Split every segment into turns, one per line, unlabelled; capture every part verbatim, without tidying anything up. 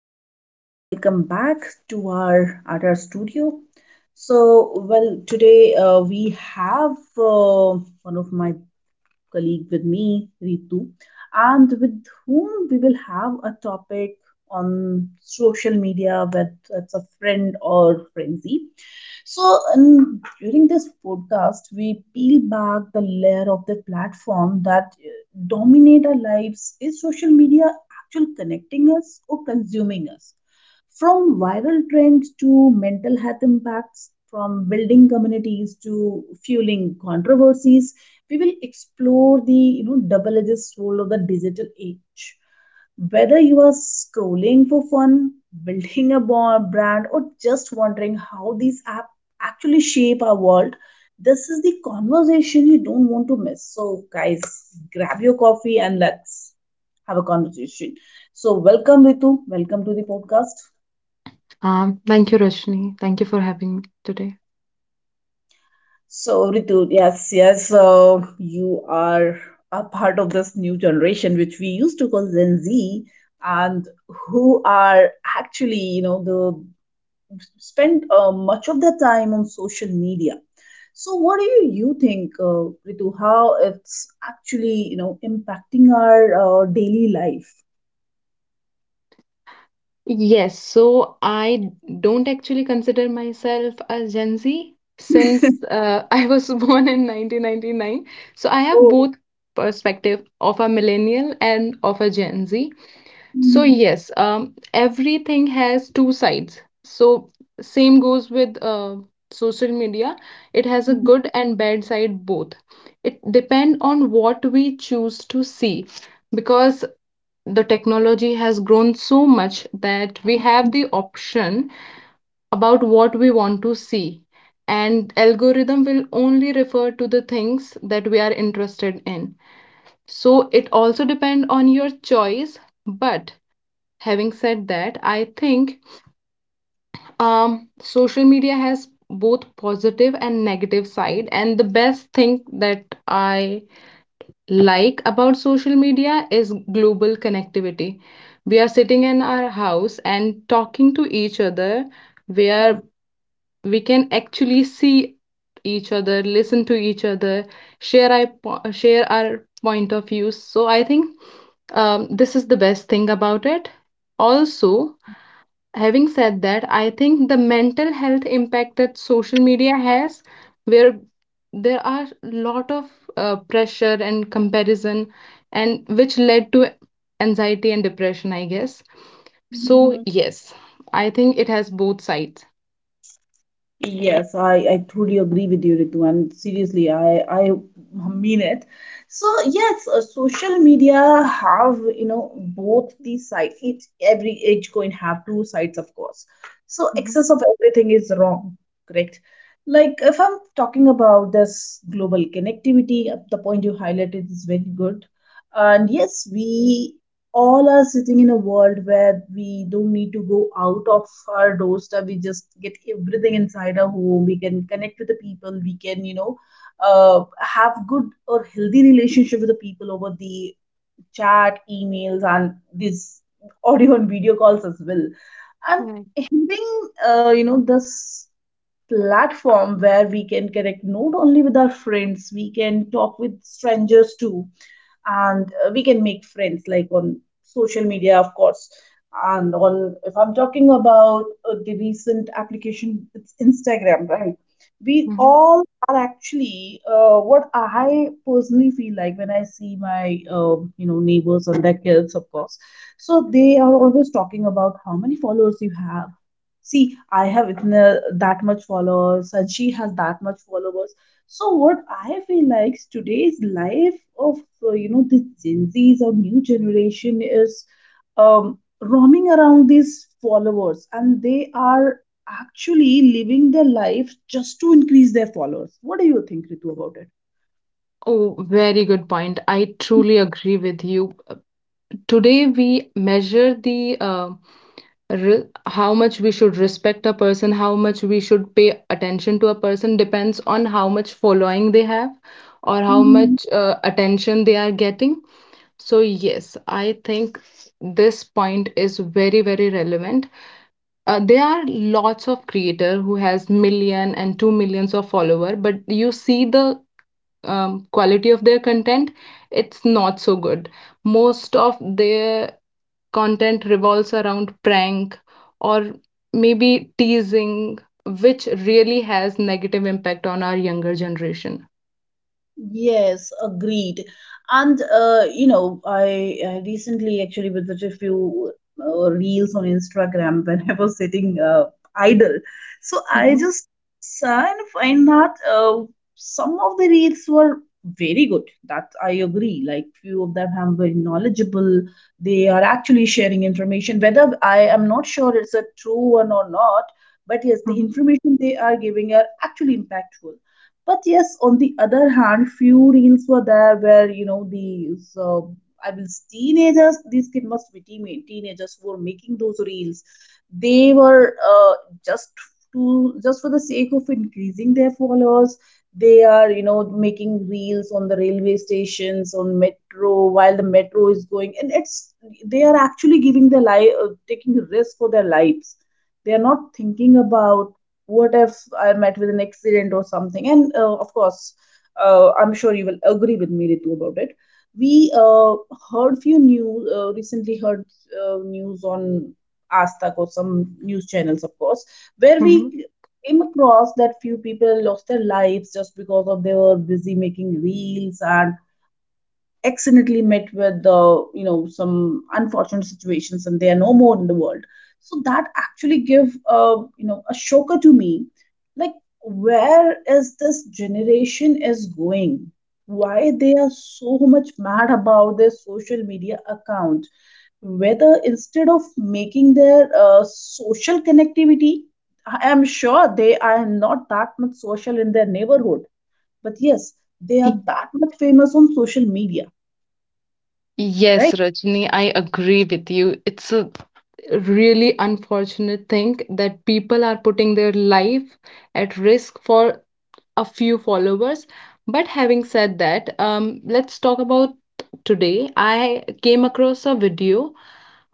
everyone, welcome back to our at studio. So, well, today uh, we have uh, one of my colleague with me, Ritu, and with whom we will have a topic on social media, whether it's a friend or frenzy. So, um, during this podcast, we peel back the layer of the platform that uh, dominate our lives. Is social media actually connecting us or consuming us? From viral trends to mental health impacts, from building communities to fueling controversies, we will explore the you know double-edged sword of the digital age. Whether you are scrolling for fun, building a bo- brand, or just wondering how these apps actually shape our world, this is the conversation you don't want to miss. So, guys, grab your coffee and let's have a conversation. So, welcome, Ritu. Welcome to the podcast.
Um, thank you, Roshni. Thank you for having me today.
So, Ritu, yes, yes, uh, you are a part of this new generation, which we used to call Gen Z, and who are actually, you know, the spend uh, much of their time on social media. So, what do you, you think, uh, Ritu, how it's actually you know impacting our uh, daily life?
Yes, so I don't actually consider myself a Gen Z since uh, I was born in nineteen ninety-nine. So I have
Oh.
both perspective of a millennial and of a Gen Z. So yes, um, everything has two sides. So same goes with uh, social media. It has a good and bad side both. It depend on what we choose to see because the technology has grown so much that we have the option about what we want to see, and algorithm will only refer to the things that we are interested in, so it also depend on your choice. But having said that, I think um, social media has both positive and negative side, and the best thing that I like about social media is global connectivity. We are sitting in our house and talking to each other, where we can actually see each other, listen to each other, share our, po- share our point of views. So I think um, this is the best thing about it. Also, having said that, I think the mental health impact that social media has, where there are a lot of uh, pressure and comparison, and which led to anxiety and depression, I guess. So
Mhm.
yes, I think it has both sides.
Yes, I, I totally agree with you, Ritu, and seriously, I, I mean it. So yes, uh, social media have, you know, both the sides. Each every each coin have two sides, of course. So
Hmm.
excess of everything is wrong, correct? Like if I'm talking about this global connectivity, uh, the point you highlighted is very good. And yes, we all are sitting in a world where we don't need to go out of our doorstep. We just get everything inside our home. We can connect with the people. We can, you know, uh, have good or healthy relationship with the people over the chat, emails, and this audio and video calls as well. And
Right.
having, uh, you know, this platform where we can connect not only with our friends, we can talk with strangers too, and uh, we can make friends like on social media, of course. And on, if I'm talking about uh, the recent application, it's Instagram, right? We
Hmm.
all are actually uh, what I personally feel like when I see my uh, you know neighbors and their kids, of course. So they are always talking about how many followers you have. See, I have itna, that much followers, and she has that much followers. So what I feel like today's life of uh, you know this Gen Zs or new generation is um, roaming around these followers, and they are actually living their life just to increase their followers. What do you think, Ritu, about it?
Oh, very good point. I truly agree with you. Uh, Today, we measure the uh, re- how much we should respect a person, how much we should pay attention to a person depends on how much following they have or how much uh, attention they are getting. So yes, I think this point is very, very relevant. Uh, there are lots of creator who has million and two millions of follower, but you see the um, quality of their content. It's not so good. Most of their content revolves around prank or maybe teasing, which really has negative impact on our younger generation.
Yes, agreed. And uh, you know, I, I recently actually visited a few uh, reels on Instagram when I was sitting uh, idle. So I
Mm-hmm.
just saw and find that uh, some of the reels were very good. That I agree. Like few of them have very knowledgeable. They are actually sharing information. Whether I am not sure it's a true one or not, but yes, the
Mm-hmm.
information they are giving are actually impactful. But yes, on the other hand, few reels were there where you know these uh, I will teenagers. These kids must be teen- teenagers who were making those reels. They were uh, just to just for the sake of increasing their followers. They are you know making reels on the railway stations, on metro while the metro is going, and it's they are actually giving their life, uh, taking risk for their lives. They are not thinking about what if I met with an accident or something? And uh, of course, uh, I'm sure you will agree with me, Ritu, about it. We uh, heard few news uh, recently heard uh, news on Astak or some news channels, of course, where
Mm-hmm.
we came across that few people lost their lives just because of they were busy making reels and accidentally met with uh, you know some unfortunate situations and they are no more in the world. So that actually give uh, you know a shocker to me, like where is this generation is going, why they are so much mad about their social media account, whether instead of making their uh, social connectivity, I am sure they are not that much social in their neighborhood, but yes, they are that much famous on social media, right?
Yes, Rajni, I agree with you. It's a really unfortunate thing that people are putting their life at risk for a few followers. But having said that, um, let's talk about today. I came across a video.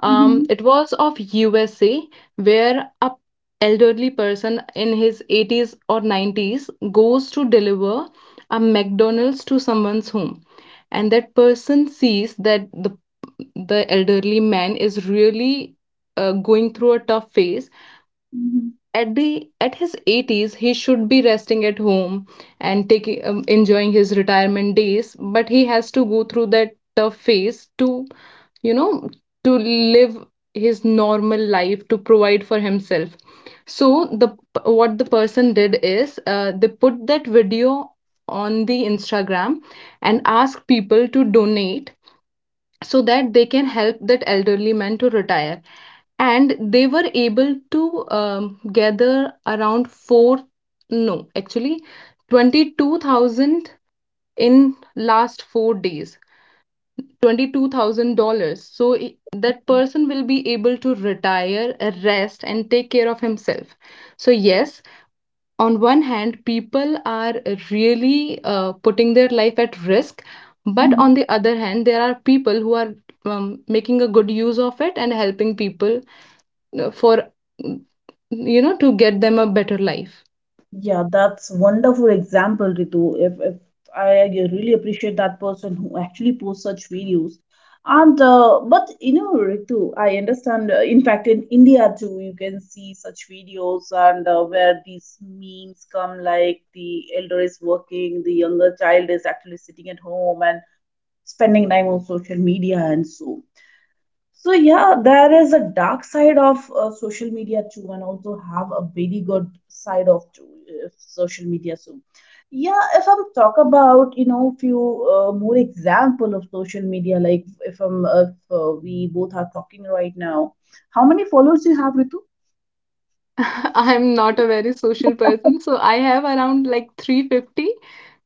Um,
Mhm,
it was of U S A, where a elderly person in his eighties or nineties goes to deliver a McDonald's to someone's home, and that person sees that the the elderly man is really uh, going through a tough phase.
mhm,
At the at his eighties he should be resting at home and taking um, enjoying his retirement days, but he has to go through that tough phase to you know to live his normal life, to provide for himself. So the what the person did is, uh, they put that video on the instagram and asked people to donate so that they can help that elderly man to retire. And they were able to um, gather around four, no, actually twenty-two thousand, in last four days, twenty-two thousand dollars. So that person will be able to retire, uh, rest, and take care of himself. So yes, on one hand people are really uh, putting their life at risk, but
mhm.
on the other hand there are people who are um, making a good use of it and helping people, uh, for, mm, you know to get them a better life.
Yeah, that's wonderful example, Ritu. If, if I really appreciate that person who actually posts such videos. And uh, but you know, Ritu, I understand. Uh, in fact, in India too, you can see such videos and uh, where these memes come, like the elder is working, the younger child is actually sitting at home and spending time on social media and so. So yeah, there is a dark side of uh, social media too, and also have a very good side of too, uh, social media too. Yeah, if I'm talk about you know few uh, more example of social media, like if I'm if uh, we both are talking right now, how many followers you have, Ritu?
I'm not a very social person, so I have around like three hundred fifty.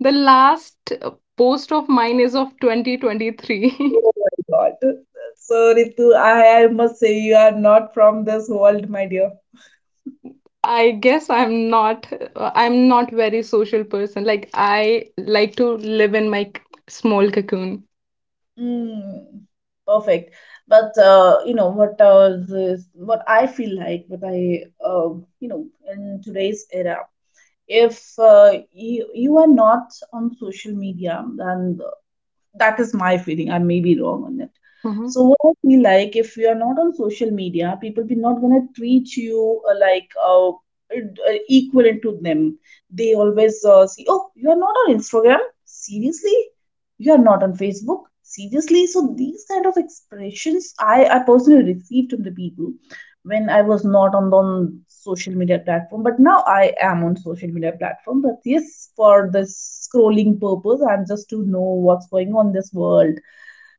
The last uh, post of mine is of twenty twenty-three.
Oh my God. So Ritu, I, I must say you are not from this world, my dear.
I guess I'm not I'm not very social person. Like I like to live in my c- small cocoon.
Mm, perfect. But uh, you know what uh, this, what I feel like what I uh, you know in today's era, if uh, you you are not on social media, then that is my feeling. I may be wrong on it. So
Hmm.
what I feel like if you are not on social media, people be not gonna treat you uh, like uh, uh, equivalent to them. They always uh, see, oh, you are not on Instagram? Seriously? You are not on Facebook? Seriously? So these kind of expressions i i personally received from the people when I was not on the on social media platform, but now I am on social media platform, but yes, for the scrolling purpose and just to know what's going on in this world.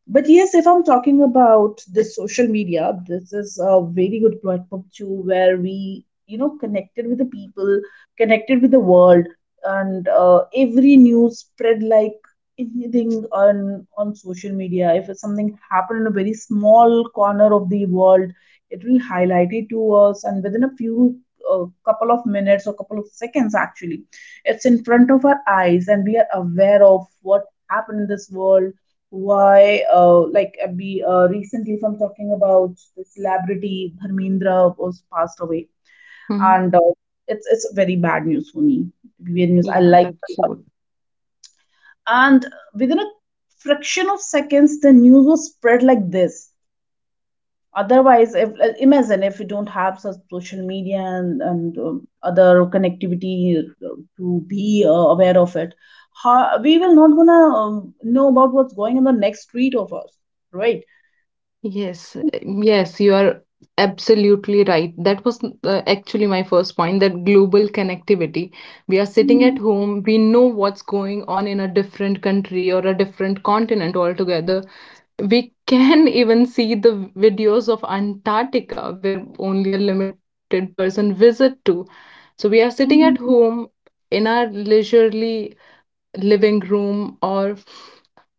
But yes, if I'm talking about this social media, this is a very good platform too, where we, you know, connected with the people, connected with the world, and uh, every news spread like anything on on social media. If something happened in a very small corner of the world, it will highlight it to us, and within a few uh, couple of minutes or couple of seconds, actually, it's in front of our eyes, and we are aware of what happened in this world. Why, uh, like uh, we uh, recently, if I'm talking about the celebrity Dharmendra was passed away,
Hmm.
and uh, it's it's very bad news for me. To be very news, I
Yeah,
like her a
that's
lot.
good.
And within a fraction of seconds, the news was spread like this. Otherwise, if uh, imagine if we don't have such social media and, and um, other connectivity uh, to be uh, aware of it, how, we will not gonna um, know about what's going on the next street of us, right?
Yes, uh, yes, you are absolutely right. That was uh, actually my first point, that global connectivity. We are sitting at
Mhm,
home, we know what's going on in a different country or a different continent altogether. We can even see the videos of Antarctica, where only a limited person visit to. So we are sitting at
mhm.
home, in our leisurely living room, or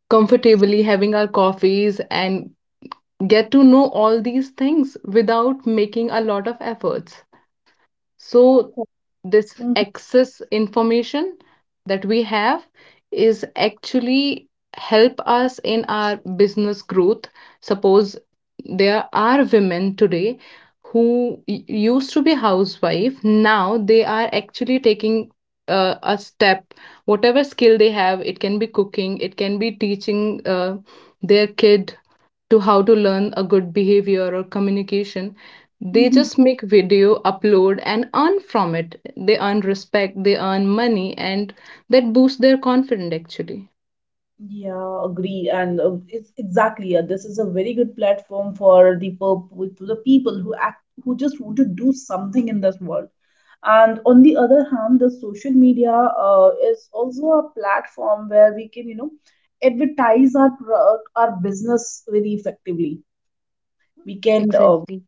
comfortably having our coffees, and get to know all these things without making a lot of efforts. So this
Mhm,
excess information that we have is actually help us in our business growth. Suppose there are women today who used to be housewife, now they are actually taking uh, a step, whatever skill they have. It can be cooking, it can be teaching uh, their kid to how to learn a good behavior or communication. They
mhm.
just make video, upload, and earn from it. They earn respect, they earn money, and that boosts their confidence, actually.
Yeah, agree. And uh, it's exactly, uh, this is a very good platform for the purple, to the people who act, who just want to do something in this world. And on the other hand, the social media uh, is also a platform where we can, you know, advertise our product, our business very effectively. We can uh,
Exactly.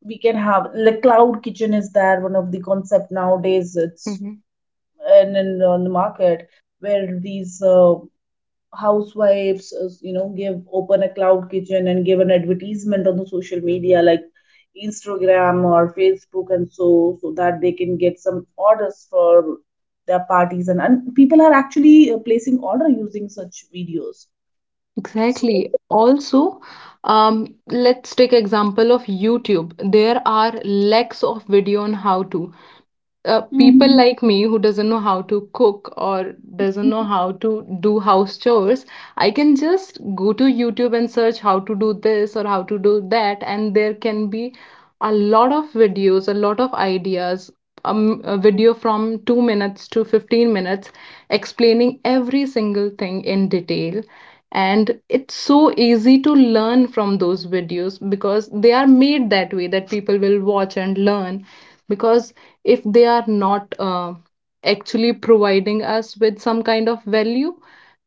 we can have like cloud kitchen is there, one of the concept nowadays. It's
Hmm.
and in on the market where these uh, housewives uh, you know give open a cloud kitchen and give an advertisement on the social media like Instagram or Facebook and so so that they can get some orders for their parties and, and people are actually uh, placing order using such videos so.
Exactly. Also, um, let's take example of YouTube. There are lakhs of video on how to. Uh, people
Mhm.
like me who doesn't know how to cook or doesn't know how to do house chores, I can just go to youtube and search how to do this or how to do that, and there can be a lot of videos, a lot of ideas, um, a video from two minutes to fifteen minutes, explaining every single thing in detail. And it's so easy to learn from those videos because they are made that way that people will watch and learn, because if they are not uh, actually providing us with some kind of value,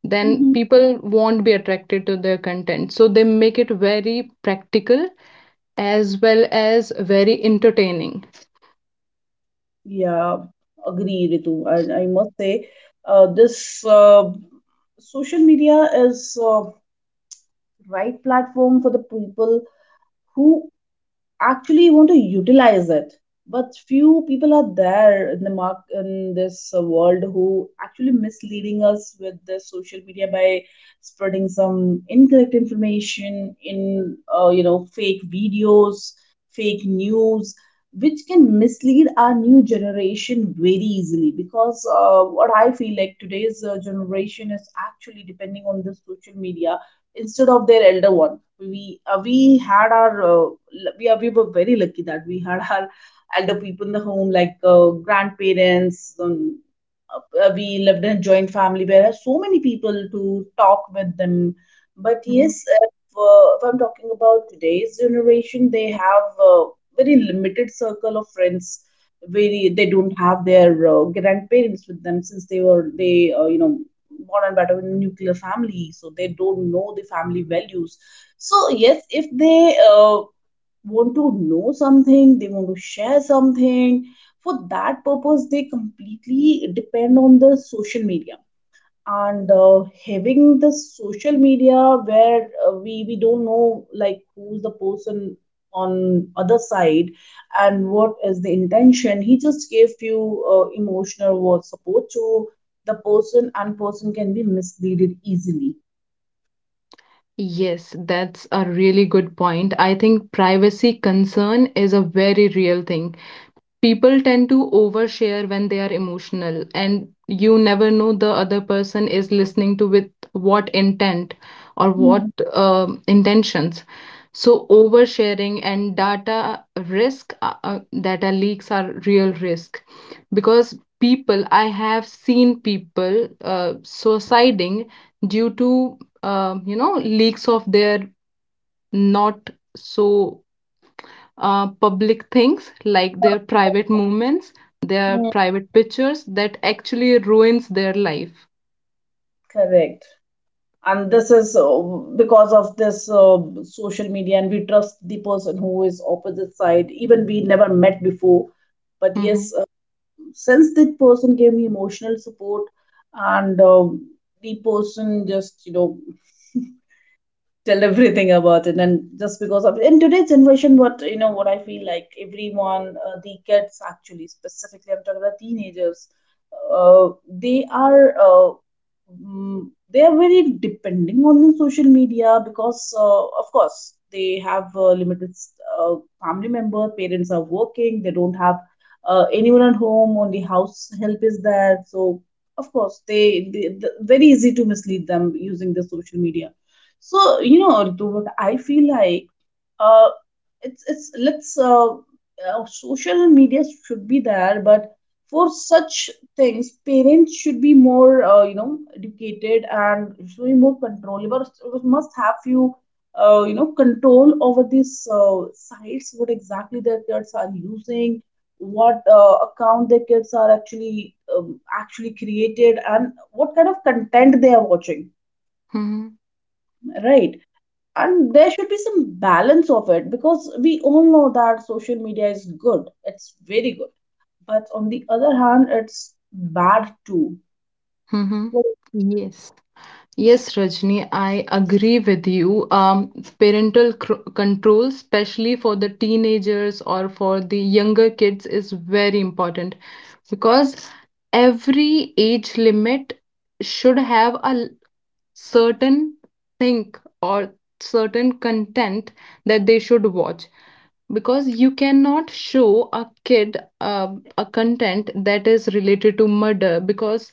then
Mhm.
people won't be attracted to their content. So they make it very practical as well as very entertaining.
Yeah, agree, Ritu, I, I must say uh, this uh, social media is uh, the right platform for the people who actually want to utilize it. But few people are there in the mark in this uh, world who actually misleading us with the social media by spreading some incorrect information in uh, you know fake videos, fake news, which can mislead our new generation very easily because uh, what I feel like today's uh, generation is actually depending on the social media instead of their elder one. we uh, we had our uh, l- we, are, we were very lucky that we had our elder people in the home, like uh, grandparents, um, uh, we lived in a joint family where I had so many people to talk with them. But
Mhm.
yes, if, uh, if I'm talking about today's generation, they have a very limited circle of friends. Very They don't have their uh, grandparents with them since they were they uh, you know born and brought up in a nuclear family, so they don't know the family values. So yes, if they uh, want to know something, they want to share something, for that purpose they completely depend on the social media. And uh, having the social media, where uh, we we don't know like who's the person on other side and what is the intention, he just gave you uh, emotional was support to the person, and person can be misleaded easily.
Yes, that's a really good point. I think privacy concern is a very real thing. People tend to overshare when they are emotional, and you never know the other person is listening to with what intent or
Mm,
what um intentions. So oversharing and data risk, uh, uh, data leaks are real risk because people I have seen people uh, suiciding due to, um, you know leaks of their not so uh, public things, like their private movements, their
mm.
private pictures that actually ruins their life.
Correct. And this is uh, because of this uh, social media, and we trust the person who is opposite side, even we never met before. But
Hmm.
yes, uh, since that person gave me emotional support and uh, the person just you know tell everything about it. And just because of in today's generation, what you know what I feel like everyone uh, the kids, actually specifically I'm talking about teenagers, uh, they are uh, mm, they are very depending on the social media because uh, of course they have uh, limited uh, family member, parents are working, they don't have uh, anyone at home, only house help is there. So of course they, they, they very easy to mislead them using the social media. So, you know, Ritu, what I feel like, uh, it's it's let's uh, uh, social media should be there, but for such things, parents should be more, uh, you know, educated and should be more controllable. Must have few, uh, you know, control over these uh, sites, what exactly their kids are using, what uh, account their kids are actually um, actually created, and what kind of content they are watching,
Hmm.
right? And there should be some balance of it, because we all know that social media is good, it's very good, but on the other hand it's bad too.
Hmm.
So,
Yes. Yes, Rajni, I agree with you. Um, parental cr control, especially for the teenagers or for the younger kids, is very important because every age limit should have a certain think or certain content that they should watch, because you cannot show a kid uh, a content that is related to murder, because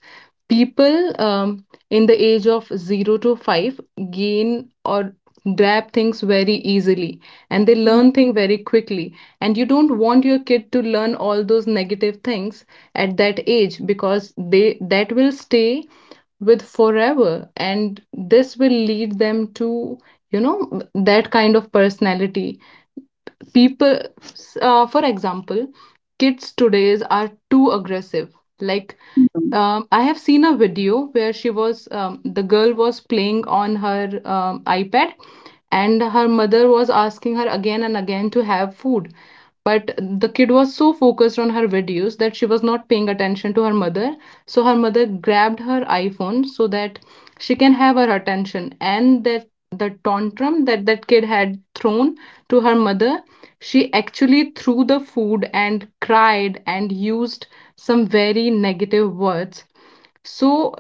people, um, in the age of zero to five, gain or grab things very easily, and they learn things very quickly, and you don't want your kid to learn all those negative things at that age, because they that will stay with forever, and this will lead them to you know that kind of personality. People, uh, for example, kids today's are too aggressive. Like, um, I have seen a video where she was, um, the girl was playing on her um, iPad, and her mother was asking her again and again to have food. But the kid was so focused on her videos that she was not paying attention to her mother. So her mother grabbed her iPhone so that she can have her attention. And that the tantrum that that kid had thrown to her mother, she actually threw the food and cried and used some very negative words. So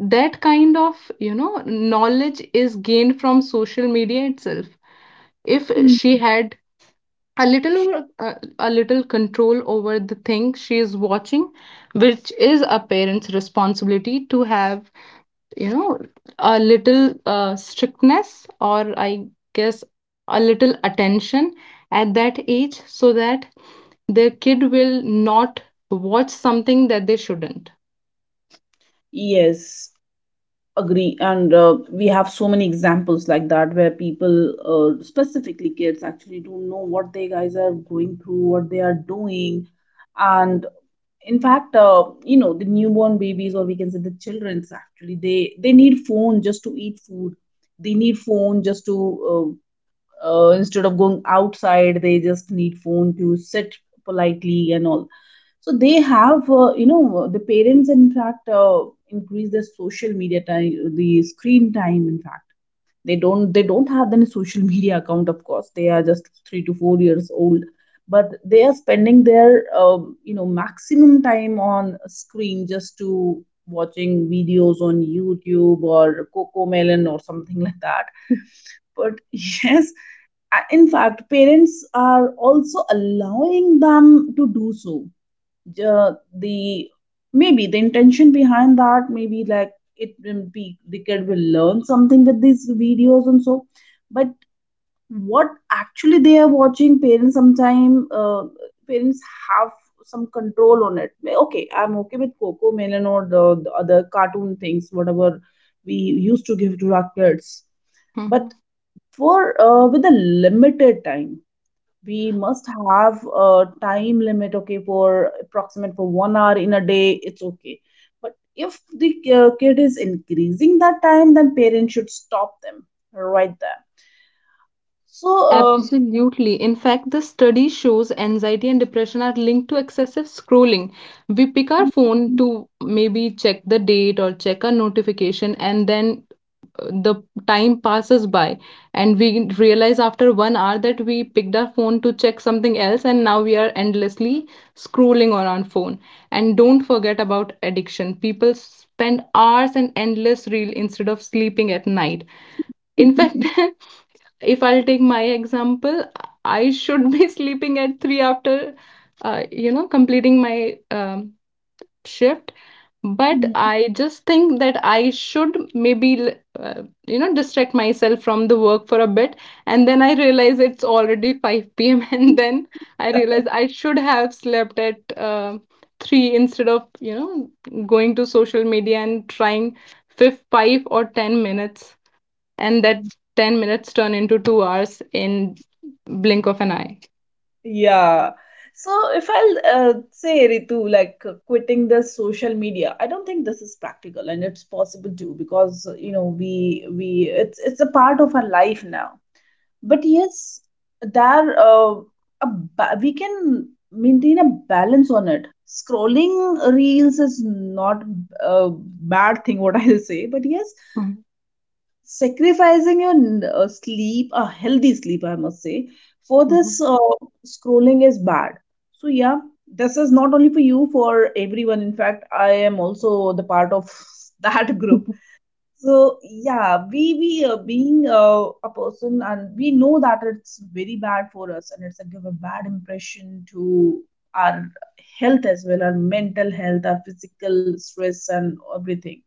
that kind of, you know knowledge is gained from social media itself. If she
mm,
had a little over uh, a little control over the thing she is watching, which is a parent's responsibility to have, you know a little uh, strictness, or I guess a little attention at that age, so that their kid will not watch something that they shouldn't.
yes, agree. And uh, we have so many examples like that where people, uh, specifically kids, actually don't know what they guys are going through, what they are doing. And in fact uh, you know, the newborn babies, or we can say the children's, actually they they need phone just to eat food, they need phone just to uh, uh, instead of going outside, they just need phone to sit politely and all. So they have, uh, you know, the parents in fact uh, increase their social media time, the screen time. In fact, they don't they don't have any social media account, of course they are just three to four years old, but they are spending their um, you know, maximum time on a screen just to watching videos on YouTube or Cocomelon or something like that. But yes, uh, in fact, parents are also allowing them to do so. Ju- the Maybe the intention behind that, maybe like it will be the kid will learn something with these videos and so. But what actually they are watching, parents sometime uh, parents have some control on it. Okay, I'm okay with Coco Melon or the, the other cartoon things, whatever we used to give to our kids,
Mhm.
but for uh, with a limited time, we must have a time limit, okay, for approximate for one hour in a day, it's okay. But if the uh, kid is increasing that time, then parents should stop them right there. So, um,
Absolutely. In fact, the study shows anxiety and depression are linked to excessive scrolling. We pick our phone to maybe check the date or check a notification, and then, uh, the time passes by, and we realize after one hour that we picked our phone to check something else, and now we are endlessly scrolling on our phone. And don't forget about addiction. People spend hours and endless reel instead of sleeping at night. In fact, if I'll take my example, I should be sleeping at three after, uh, you know, completing my um, shift. But I just think that I should maybe, uh, you know, distract myself from the work for a bit. And then I realize it's already five p m And then I realize I should have slept at uh, three instead of, you know, going to social media and trying fif- five or ten minutes, and that ten minutes turn into two hours in blink of an eye.
yeah. So if I'll uh, say Ritu, like uh, quitting the social media, I don't think this is practical and it's possible too, because uh, you know we we it's it's a part of our life now. But yes, there uh, a ba- we can maintain a balance on it. Scrolling reels is not a bad thing, what I'll say, but yes,
Mm-hmm.
sacrificing your n- uh, sleep, a healthy sleep I must say, for this
Mm-hmm.
uh, scrolling is bad. So yeah, this is not only for you, for everyone. In fact I am also the part of that group. So yeah, we we uh, being uh, a person, and we know that it's very bad for us and it's a give a bad impression to our health as well, our mental health, our physical stress and everything.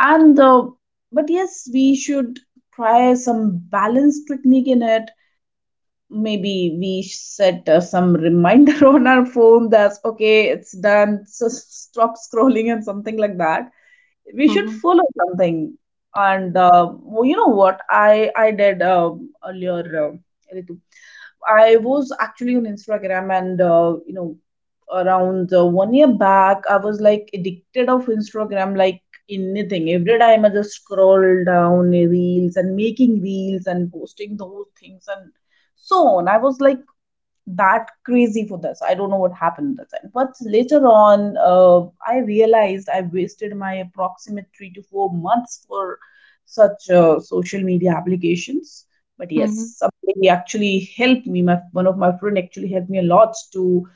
And uh, but yes, we should try some balance technique in it. Maybe we set uh, some reminder on our phone, that's okay, it's done, so stop scrolling and something like that. We should
Mm-hmm.
follow something. And uh, well, you know what I I did um earlier, uh, Ritu. I was actually on Instagram, and uh, you know around uh, one year back I was like addicted of Instagram like anything. Every time I just scroll down reels and making reels and posting those things and so on. I was like that crazy for this. I don't know what happened at that time. But later on, uh, I realized I wasted my approximate three to four months for such uh, social media applications. But
Mm-hmm.
yes, somebody actually helped me. My one of my friend actually helped me a lot to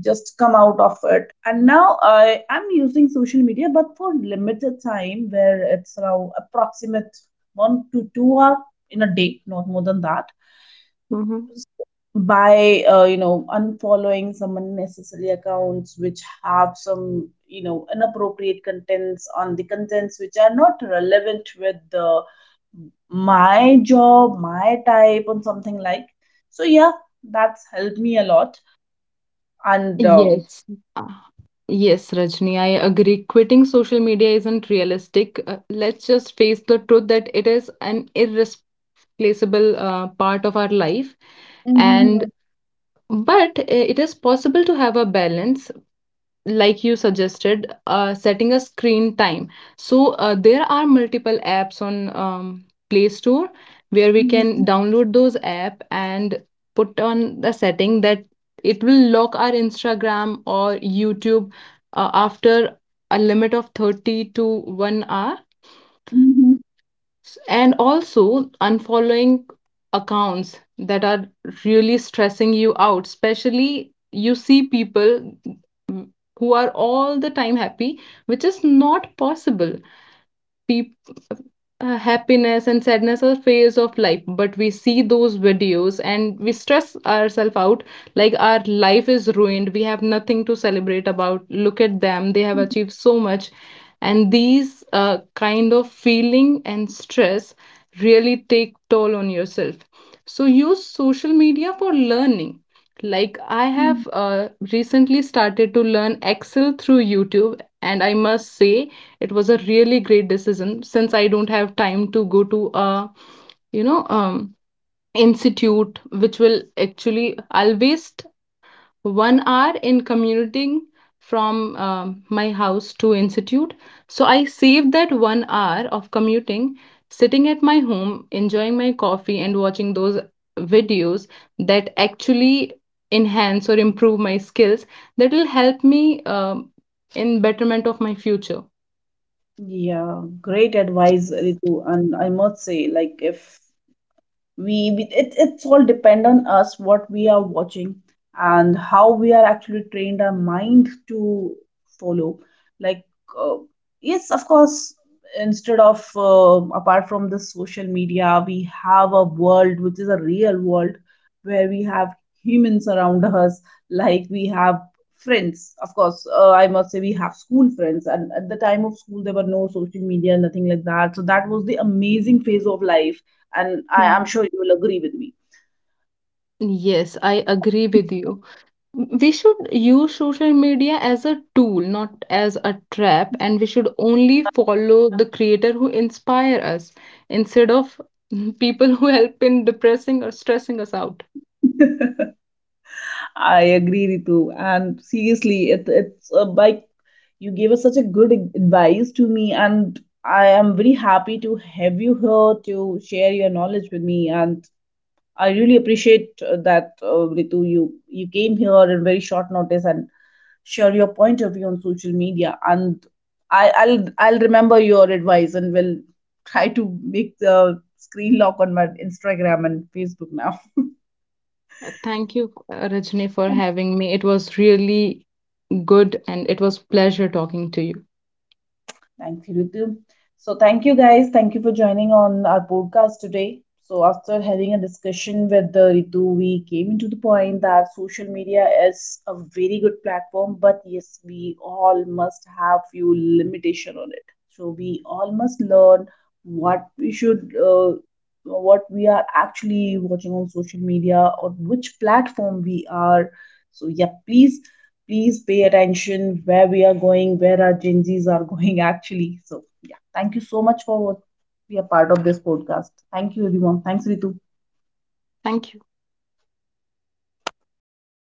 just come out of it. And now I am using social media, but for limited time, where it's around approximate one to two hour in a day, not more than that.
Mm-hmm.
By uh, you know unfollowing some unnecessary accounts which have some you know inappropriate contents, on the contents which are not relevant with the my job, my type, and something like. So yeah, that's helped me a lot. And uh,
Yes. Ah, yes, Rajni, I agree. Quitting social media isn't realistic. Uh, let's just face the truth, that it is an irreplaceable uh, part of our life. And
Mhm,
but uh, it is possible to have a balance, like you suggested, uh, setting a screen time. So uh, there are multiple apps on, um, play store, where we can
mhm,
download those app and put on the setting that it will lock our instagram or youtube uh, after a limit of thirty to one hour.
mhm,
S- And also unfollowing accounts that are really stressing you out, especially you see people, mm, who are all the time happy, which is not possible. Peop uh, Happiness and sadness are phase of life, but we see those videos and we stress ourselves out, like our life is ruined, we have nothing to celebrate about. Look at them, they have achieved so much. And these uh, kind of feeling and stress really take toll on yourself. So use social media for learning. Like I
mhm.
have uh, recently started to learn excel through youtube, and I must say it was a really great decision, since I don't have time to go to a, you know um, institute, which will actually I'll waste one hour in commuting from, um, my house to institute. So I saved that one hour of commuting, sitting at my home, enjoying my coffee and watching those videos that actually enhance or improve my skills, that will help me um in betterment of my future.
yeah, great advice, Ritu. And I must say, like if we we- it, it's all depend on us what we are watching and how we are actually trained our mind to follow, like uh, yes of course, instead of uh, apart from the social media, we have a world which is a real world, where we have humans around us, like we have friends. Of course uh, I must say we have school friends, and at the time of school there were no social media, nothing like that, so that was the amazing phase of life. And I, I'm sure you will agree with me.
Yes, I agree with you. We should use social media as a tool, not as a trap, and we should only follow the creator who inspire us, instead of people who help in depressing or stressing us out.
I agree, Ritu. And seriously, it, it's uh, like you gave us such a good ad- advice to me, and I am very happy to have you here to share your knowledge with me. And I really appreciate uh, that, uh, Ritu. You you came here in very short notice and share your point of view on social media. And I, I'll I'll remember your advice and will try to make the screen lock on my Instagram and Facebook now.
Uh, Thank you, uh, Rajni, for having me. It was really good, and it was pleasure talking to you.
Thanks, Ritu. So, thank you guys. Thank you for joining on our podcast today. So, after having a discussion with the Ritu, we came into the point that social media is a very good platform, but yes, we all must have few limitation on it. So, we all must learn what we should, uh, what we are actually watching on social media or which platform we are. So yeah, please please pay attention where we are going, where our Gen Z's are going actually. So yeah, thank you so much for what- be a part of this podcast. Thank you everyone. Thanks Ritu.
Thank you.